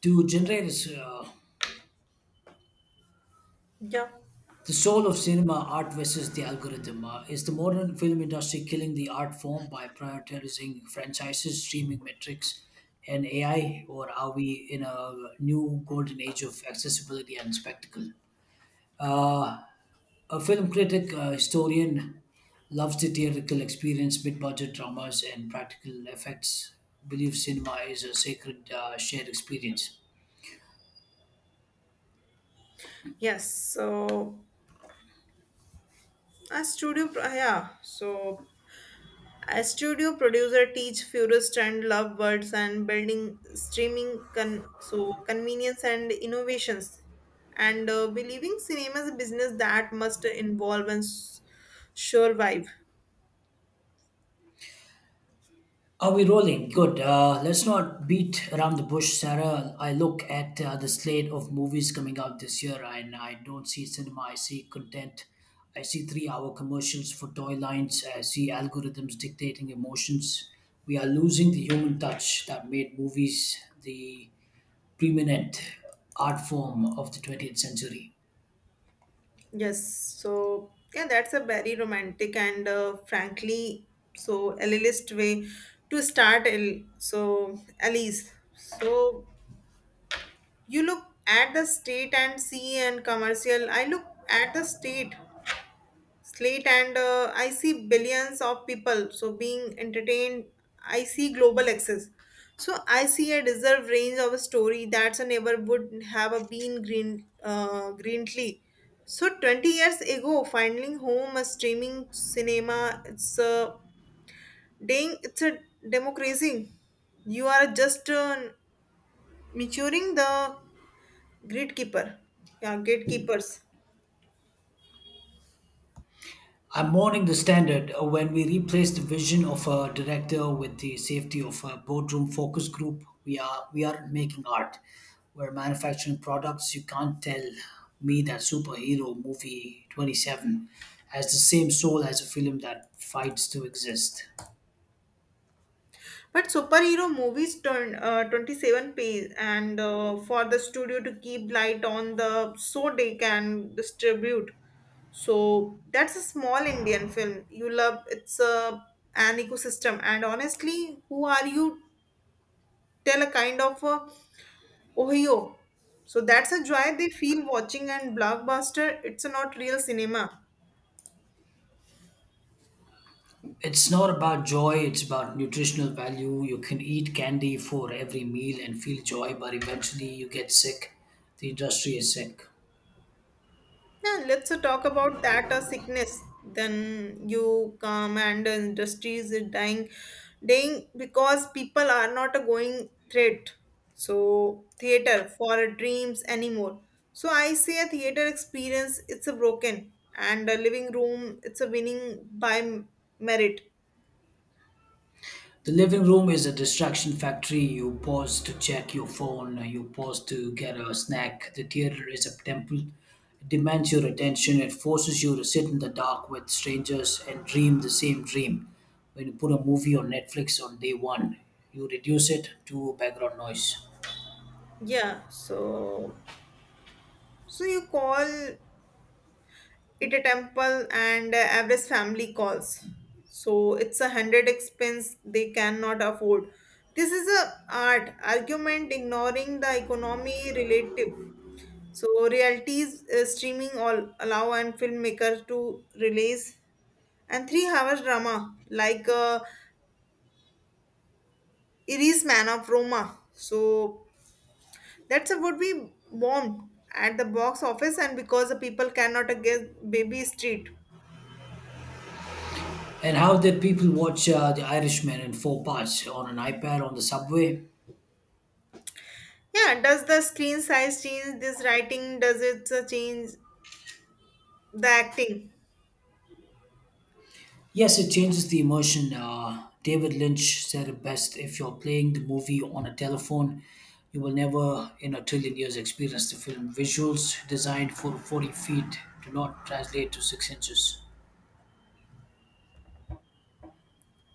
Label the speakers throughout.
Speaker 1: To generate uh,
Speaker 2: Yeah.
Speaker 1: the soul of cinema art versus the algorithm. Is the modern film industry killing the art form by prioritizing franchises, streaming metrics, and ai, or are we in a new golden age of accessibility and spectacle? uh, a film critic, historian, loves the theatrical experience, mid-budget dramas and practical effects. Believes cinema is a sacred, shared experience.
Speaker 2: Yes. So a studio, a studio producer teach purists and love words and building streaming convenience and innovations, and believing cinema is a business that must involve and survive.
Speaker 1: Are we rolling? Good. Let's not beat around the bush, Sarah. I look at the slate of movies coming out this year, and I don't see cinema. I see content. I see three-hour commercials for toy lines. I see algorithms dictating emotions. We are losing the human touch that made movies the preeminent art form of the 20th century.
Speaker 2: Yes. So yeah, that's a very romantic and frankly so elitist way to start. L so Alice. So you look at the state and see and commercial. I look at the state slate and I see billions of people. So being entertained, I see global access. So I see a deserved range of a story that's a neighbor would have a been green greenly. So 20 years ago, finding home, a streaming cinema, it's a dang, it's a democracy. You are just maturing the gatekeeper. Yeah, gatekeepers.
Speaker 1: I'm mourning the standard when we replace the vision of a director with the safety of a boardroom focus group. We aren't making art. We're manufacturing products. You can't tell me that superhero movie 27 has the same soul as a film that fights to exist.
Speaker 2: But superhero movies turn 27 pays and for the studio to keep light on the so they can distribute. So that's a small Indian film. You love it's a an ecosystem and honestly, who are you? Tell a kind of Ohio. So that's a joy they feel watching and blockbuster. It's not real cinema.
Speaker 1: It's not about joy, it's about nutritional value. You can eat candy for every meal and feel joy, but eventually you get sick. The industry is sick.
Speaker 2: Yeah, let's talk about that sickness. Then you come and the industry is dying, dying because people are not going threat. So theater for dreams anymore. So I say a theater experience. It's a broken and a living room. It's a winning by merit.
Speaker 1: The living room is a distraction factory. You pause to check your phone, you pause to get a snack. The theater is a temple. It demands your attention. It forces you to sit in the dark with strangers and dream the same dream. When you put a movie on Netflix on day one, you reduce it to background noise.
Speaker 2: Yeah. So you call it a temple and average family calls so it's a hundred expense they cannot afford, this is a art argument ignoring the economy relative so realities, streaming all allow and filmmaker to release and 3 hours drama like Iris Man of Roma, so that's a would be bomb at the box office and because the people cannot get baby street.
Speaker 1: And how did people watch The Irishman in four parts on an iPad on the subway?
Speaker 2: Yeah, does the screen size change this writing? Does it change the acting?
Speaker 1: Yes, it changes the emotion. David Lynch said it best: if you're playing the movie on a telephone, you will never in a trillion years experience the film. Visuals designed for 40 feet do not translate to 6 inches.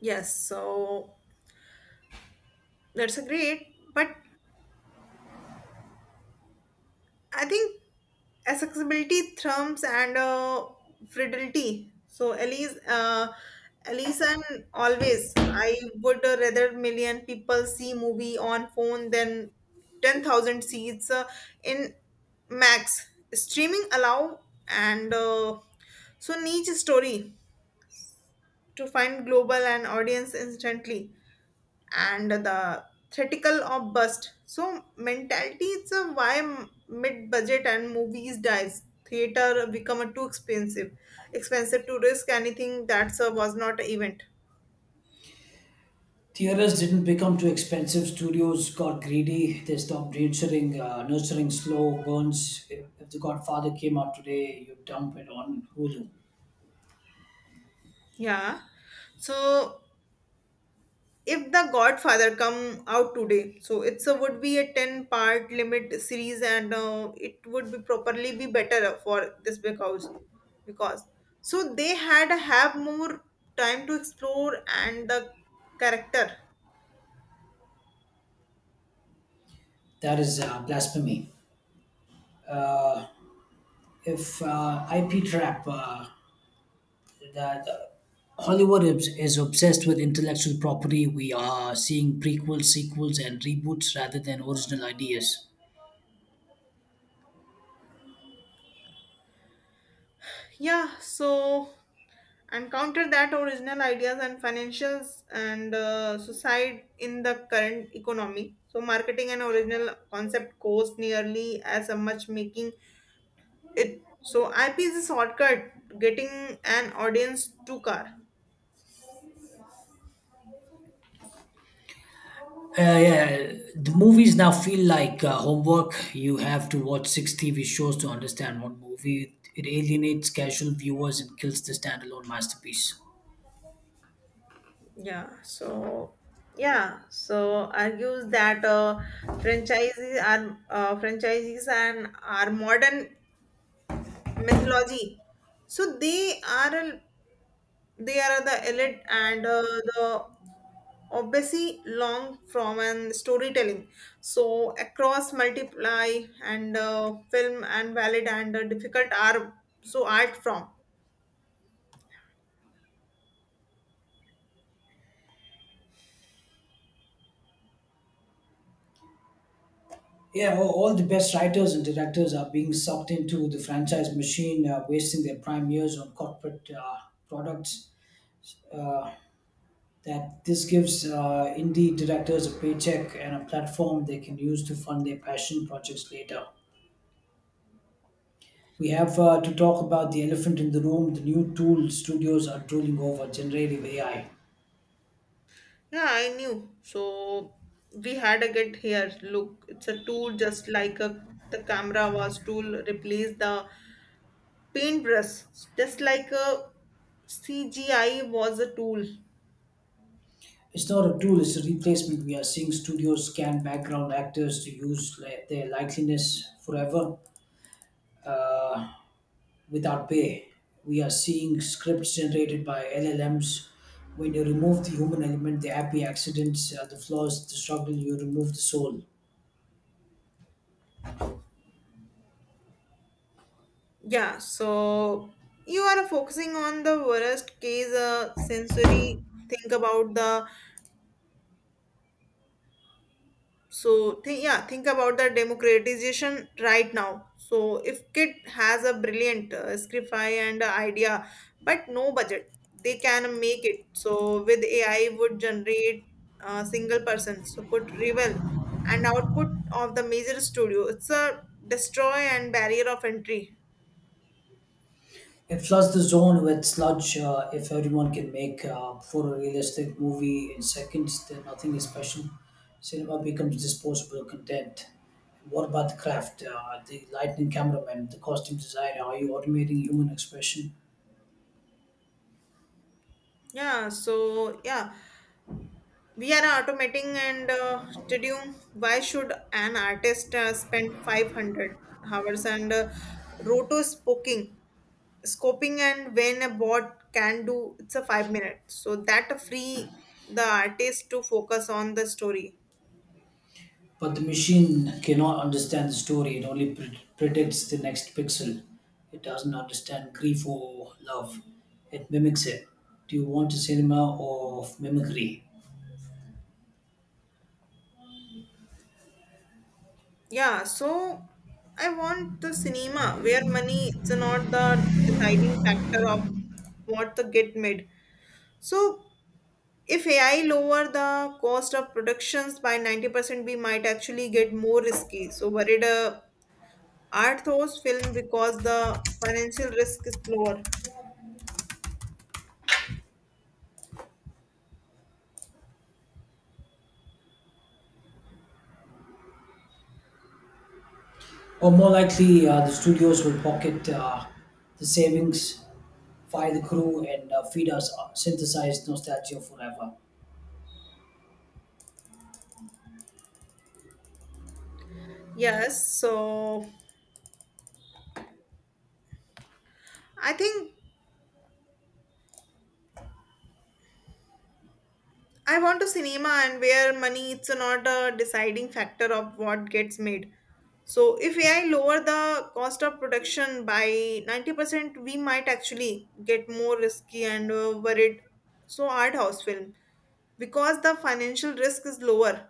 Speaker 2: Yes, so that's a great. But I think accessibility, thrums, and fidelity. So Elise, and always, I would rather million people see movie on phone than 10,000 seats in max, streaming allow and so niche story to find global and audience instantly, and the theatrical of bust so mentality, it's a why mid-budget and movies dies theater become a too expensive to risk anything that's a was not a event.
Speaker 1: Theaters didn't become too expensive. Studios got greedy. They stopped nurturing slow burns. If The Godfather came out today, you dump it on Hulu.
Speaker 2: Yeah, so if the Godfather come out today, so it's a would be a 10-part limit series and it would be properly be better for this because so they had have more time to explore and the character.
Speaker 1: That is blasphemy. If IP trap, that Hollywood is obsessed with intellectual property. We are seeing prequels, sequels, and reboots rather than original ideas.
Speaker 2: Yeah, so and counter that original ideas and financials and suicide in the current economy, so marketing an original concept costs nearly as a much making it, so IP is a shortcut getting an audience to car.
Speaker 1: Yeah, the movies now feel like homework. You have to watch six TV shows to understand one movie. It alienates casual viewers and kills the standalone masterpiece.
Speaker 2: Yeah, so yeah, so argues that franchises and are modern mythology. So they are they are the elite and the obviously long from and storytelling. So across multiply and film and valid and difficult are so art from.
Speaker 1: Yeah, all the best writers and directors are being sucked into the franchise machine, wasting their prime years on corporate products. Uh, that this gives indie directors a paycheck and a platform they can use to fund their passion projects later. We have to talk about the elephant in the room: the new tool studios are drooling over, generative AI.
Speaker 2: Yeah, I knew. So we had a get here. Look, it's a tool, just like a the camera was tool replace the paintbrush, just like a CGI was a tool.
Speaker 1: It's not a tool, it's a replacement. We are seeing studios scan background actors to their likeliness forever, uh, without pay. We are seeing scripts generated by LLMs. When you remove the human element, the happy accidents, the flaws, the struggle, you remove the soul.
Speaker 2: Yeah, so you are focusing on the worst case sensory. Think about the think about the democratization right now, so if kid has a brilliant scriptify and a idea but no budget, they can make it, so with AI would generate a single person so could rival and output of the major studio, it's a destroy and barrier of entry.
Speaker 1: It floods the zone with sludge. If everyone can make for realistic movie in seconds, then nothing is special. Cinema becomes disposable content. What about the craft, the lightning cameraman, the costume designer? Are you automating human expression?
Speaker 2: Yeah. We are automating and why should an artist spend 500 hours and roto spoking, scoping, and when a bot can do, it's a 5 minute. So that free the artist to focus on the story.
Speaker 1: But the machine cannot understand the story. It only predicts the next pixel. It doesn't understand grief or love. It mimics it. Do you want a cinema of mimicry?
Speaker 2: Yeah, so I want the cinema where money it's not the deciding factor of what the get made. So if AI lower the cost of productions by 90%, we might actually get more risky. So worried, art those film because the financial risk is lower.
Speaker 1: Or more likely, the studios will pocket the savings, fire the crew, and feed us synthesized nostalgia forever.
Speaker 2: Yes, so I think I want a cinema and where money it's not a deciding factor of what gets made. So if AI lower the cost of production by 90%, we might actually get more risky and worried. So art house film because the financial risk is lower.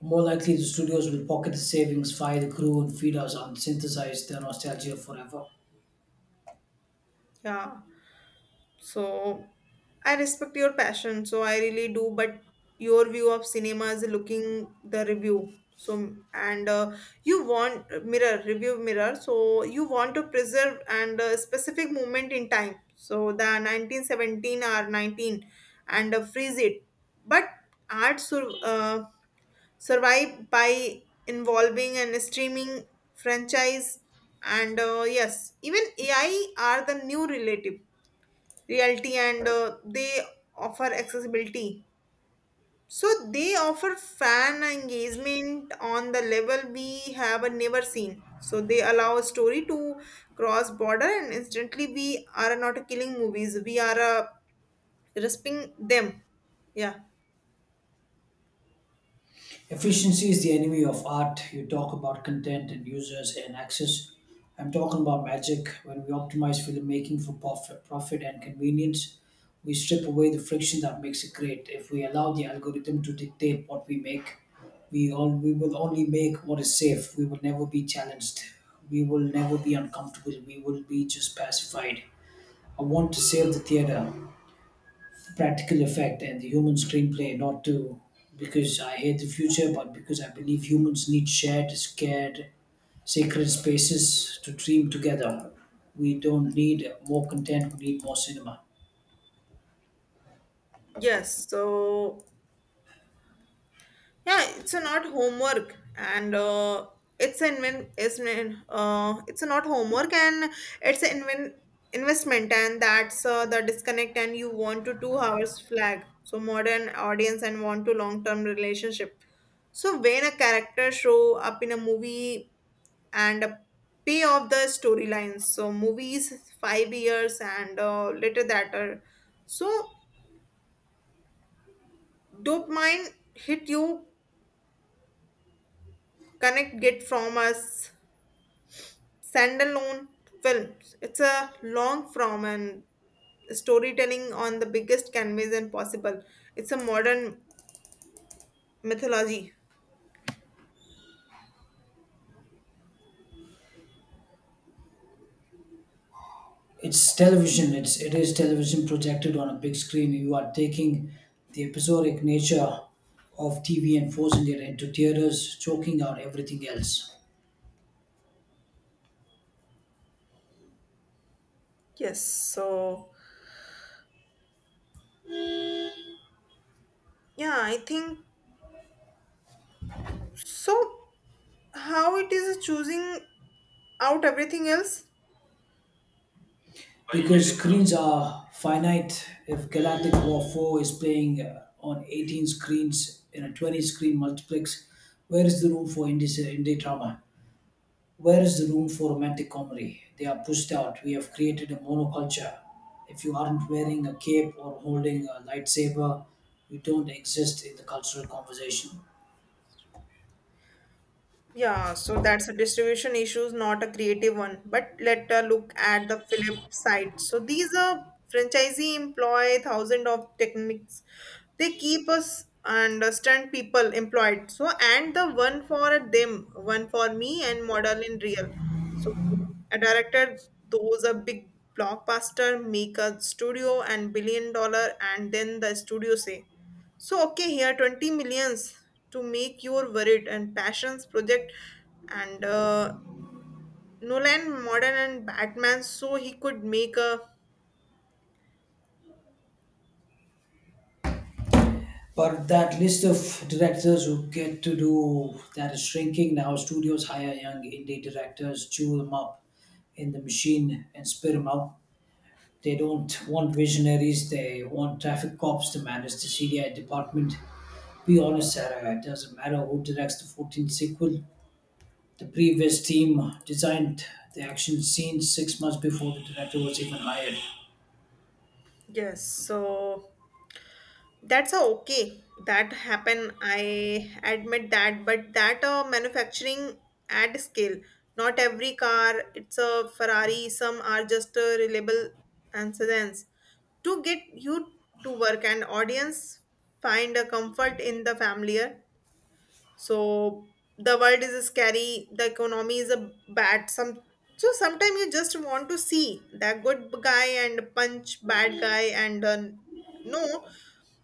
Speaker 1: More likely, the studios will pocket the savings, fire the crew, and feed us on synthesized nostalgia forever.
Speaker 2: Yeah. So I respect your passion, so I really do, but your view of cinema is looking the review. So and you want mirror review mirror, so you want to preserve and a specific moment in time. So the 1917 or 19 and freeze it. But art sur- uh, survive by involving and streaming franchise and yes, even AI are the new relative reality and they offer accessibility, so they offer fan engagement on the level we have never seen, so they allow a story to cross border and instantly, we are not killing movies, we are respecting them. Yeah.
Speaker 1: Efficiency is the enemy of art. You talk about content and users and access. I'm talking about magic. When we optimize filmmaking for profit and convenience, we strip away the friction that makes it great. If we allow the algorithm to dictate what we make, we will only make what is safe. We will never be challenged. We will never be uncomfortable. We will be just pacified. I want to save the theater, practical effect and the human screenplay, not to because I hate the future, but because I believe humans need shared, scared, sacred spaces to dream together. We don't need more content, we need more cinema.
Speaker 2: Yes, so yeah, it's a not homework and it's an inven- it's an, it's a not homework and it's an investment, and that's the disconnect and you want to 2 hours flag, so modern audience and want to long term relationship, so when a character show up in a movie and a pay off the storylines, so movies 5 years and later that so dopamine hit you connect get from us standalone films. It's a long form and storytelling on the biggest canvas and possible. It's a modern mythology.
Speaker 1: It's television, it is television projected on a big screen. You are taking the episodic nature of TV and forcing it into theaters, choking out everything else.
Speaker 2: Yes, so yeah, I think so. How it is choosing out everything else?
Speaker 1: Because screens are finite, if Galactic War 4 is playing on 18 screens in a 20 screen multiplex, where is the room for indie drama? Where is the room for romantic comedy? They are pushed out. We have created a monoculture. If you aren't wearing a cape or holding a lightsaber, you don't exist in the cultural conversation.
Speaker 2: Yeah, so that's a distribution issue, not a creative one. But let us look at the flip side. So these are franchisee employ thousand of techniques. They keep us and stunt people employed. So and the one for them, one for me, and model in real. So a director, those are big blockbuster, make a studio and billion dollar, and then the studio say. So okay, here 20 millions to make your worried and passions project and Nolan modern and Batman so he could make a
Speaker 1: But that list of directors who get to do that is shrinking now. Studios hire young indie directors, chew them up in the machine, and spit them out. They don't want visionaries, they want traffic cops to manage the CDI department. Be honest, Sarah, it doesn't matter who directs the 14th sequel. The previous team designed the action scenes 6 months before the director was even hired.
Speaker 2: yes, so that's a okay, that happen, I admit that, but that manufacturing at scale, not every car it's a Ferrari, some are just reliable and sedans to get you to work, and audience find a comfort in the familiar, so the world is scary, the economy is a bad some, so sometimes you just want to see that good guy and punch bad guy and no,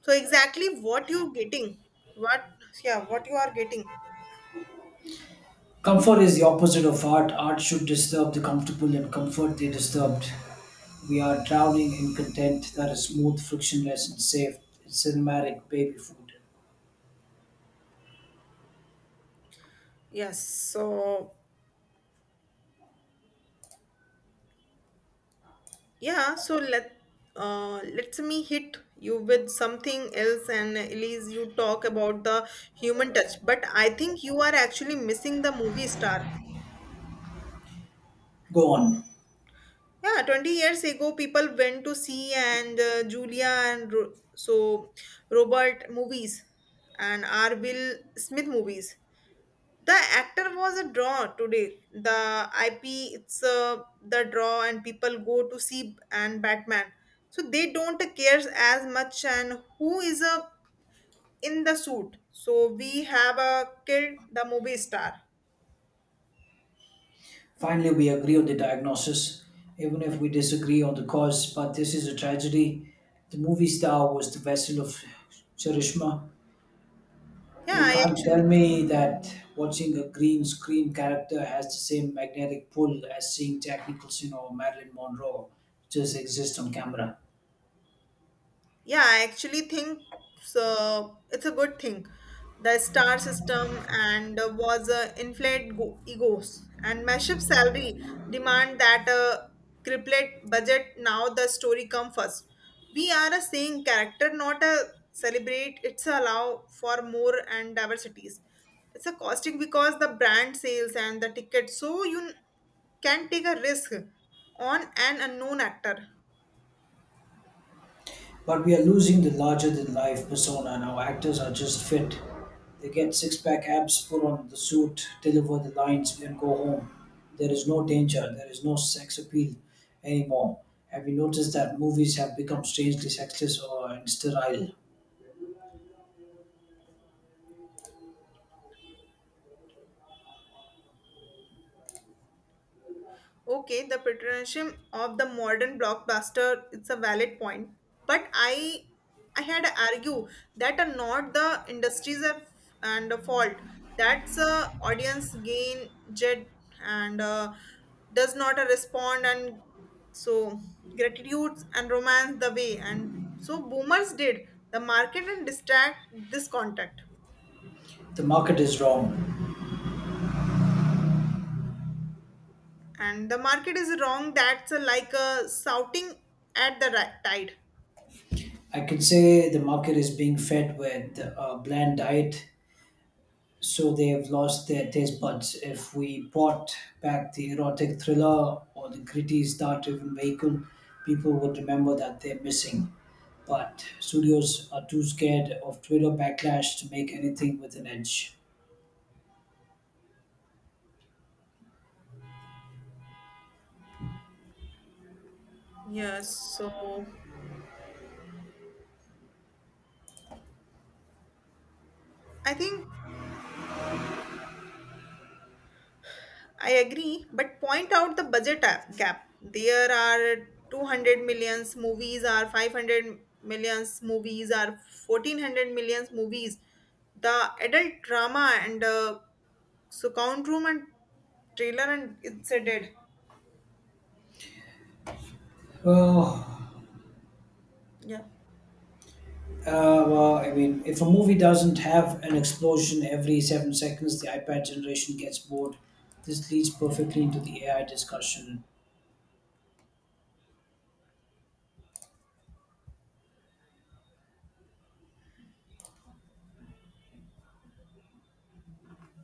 Speaker 2: so exactly what you getting, what yeah what you are getting.
Speaker 1: Comfort is the opposite of art. Art should disturb the comfortable, and comfort they disturbed. We are drowning in content that is smooth, frictionless, and safe. It's cinematic baby food.
Speaker 2: Yes, so yeah, so let let me hit you with something else, and Elise, you talk about the human touch, but I think you are actually missing the movie star.
Speaker 1: Go on.
Speaker 2: Yeah, 20 years ago, people went to see and Julia and Robert movies and R. Will Smith movies. The actor was a draw today. The IP, it's the draw, and people go to see and Batman. So they don't care as much and who is a in the suit. So we have a kid, the movie star.
Speaker 1: Finally, we agree on the diagnosis, even if we disagree on the cause, but this is a tragedy. The movie star was the vessel of charisma.
Speaker 2: Yeah,
Speaker 1: You
Speaker 2: I
Speaker 1: can't tell
Speaker 2: actually
Speaker 1: me that watching a green screen character has the same magnetic pull as seeing Jack Nicholson or Marilyn Monroe just exist on camera.
Speaker 2: Yeah, I actually think so. It's a good thing. The star system and was inflate egos and massive salary demand that cripplet budget. Now the story come first. We are a saying character, not a celebrate. It's allow for more and diversities. It's a costing because the brand sales and the ticket. So you can take a risk on an unknown actor.
Speaker 1: But we are losing the larger than life persona, and our actors are just fit. They get six pack abs, put on the suit, deliver the lines, and go home. There is no danger, there is no sex appeal anymore. Have you noticed that movies have become strangely sexless or and sterile?
Speaker 2: Okay, the patronage of the modern blockbuster, it's a valid point. But I had to argue that are not the industries of, and a fault. That's a audience gain jet and does not respond and so gratitudes and romance the way and so boomers did the market and distract this contact,
Speaker 1: The market is wrong.
Speaker 2: and the market is wrong, that's like a shouting at the tide.
Speaker 1: I can say the market is being fed with a bland diet so they've lost their taste buds. If we brought back the erotic thriller or the gritty star-driven vehicle, people would remember that they're missing. But studios are too scared of Twitter backlash to make anything with an edge.
Speaker 2: Yes, so I think I agree, but point out the budget gap. There are 200 millions movies, are 500 millions movies, are 1400 millions movies. The adult drama and so count room and trailer and it's a dead.
Speaker 1: Oh,
Speaker 2: Yeah.
Speaker 1: well, I mean, if a movie doesn't have an explosion every 7 seconds, the iPad generation gets bored. This leads perfectly into the AI discussion.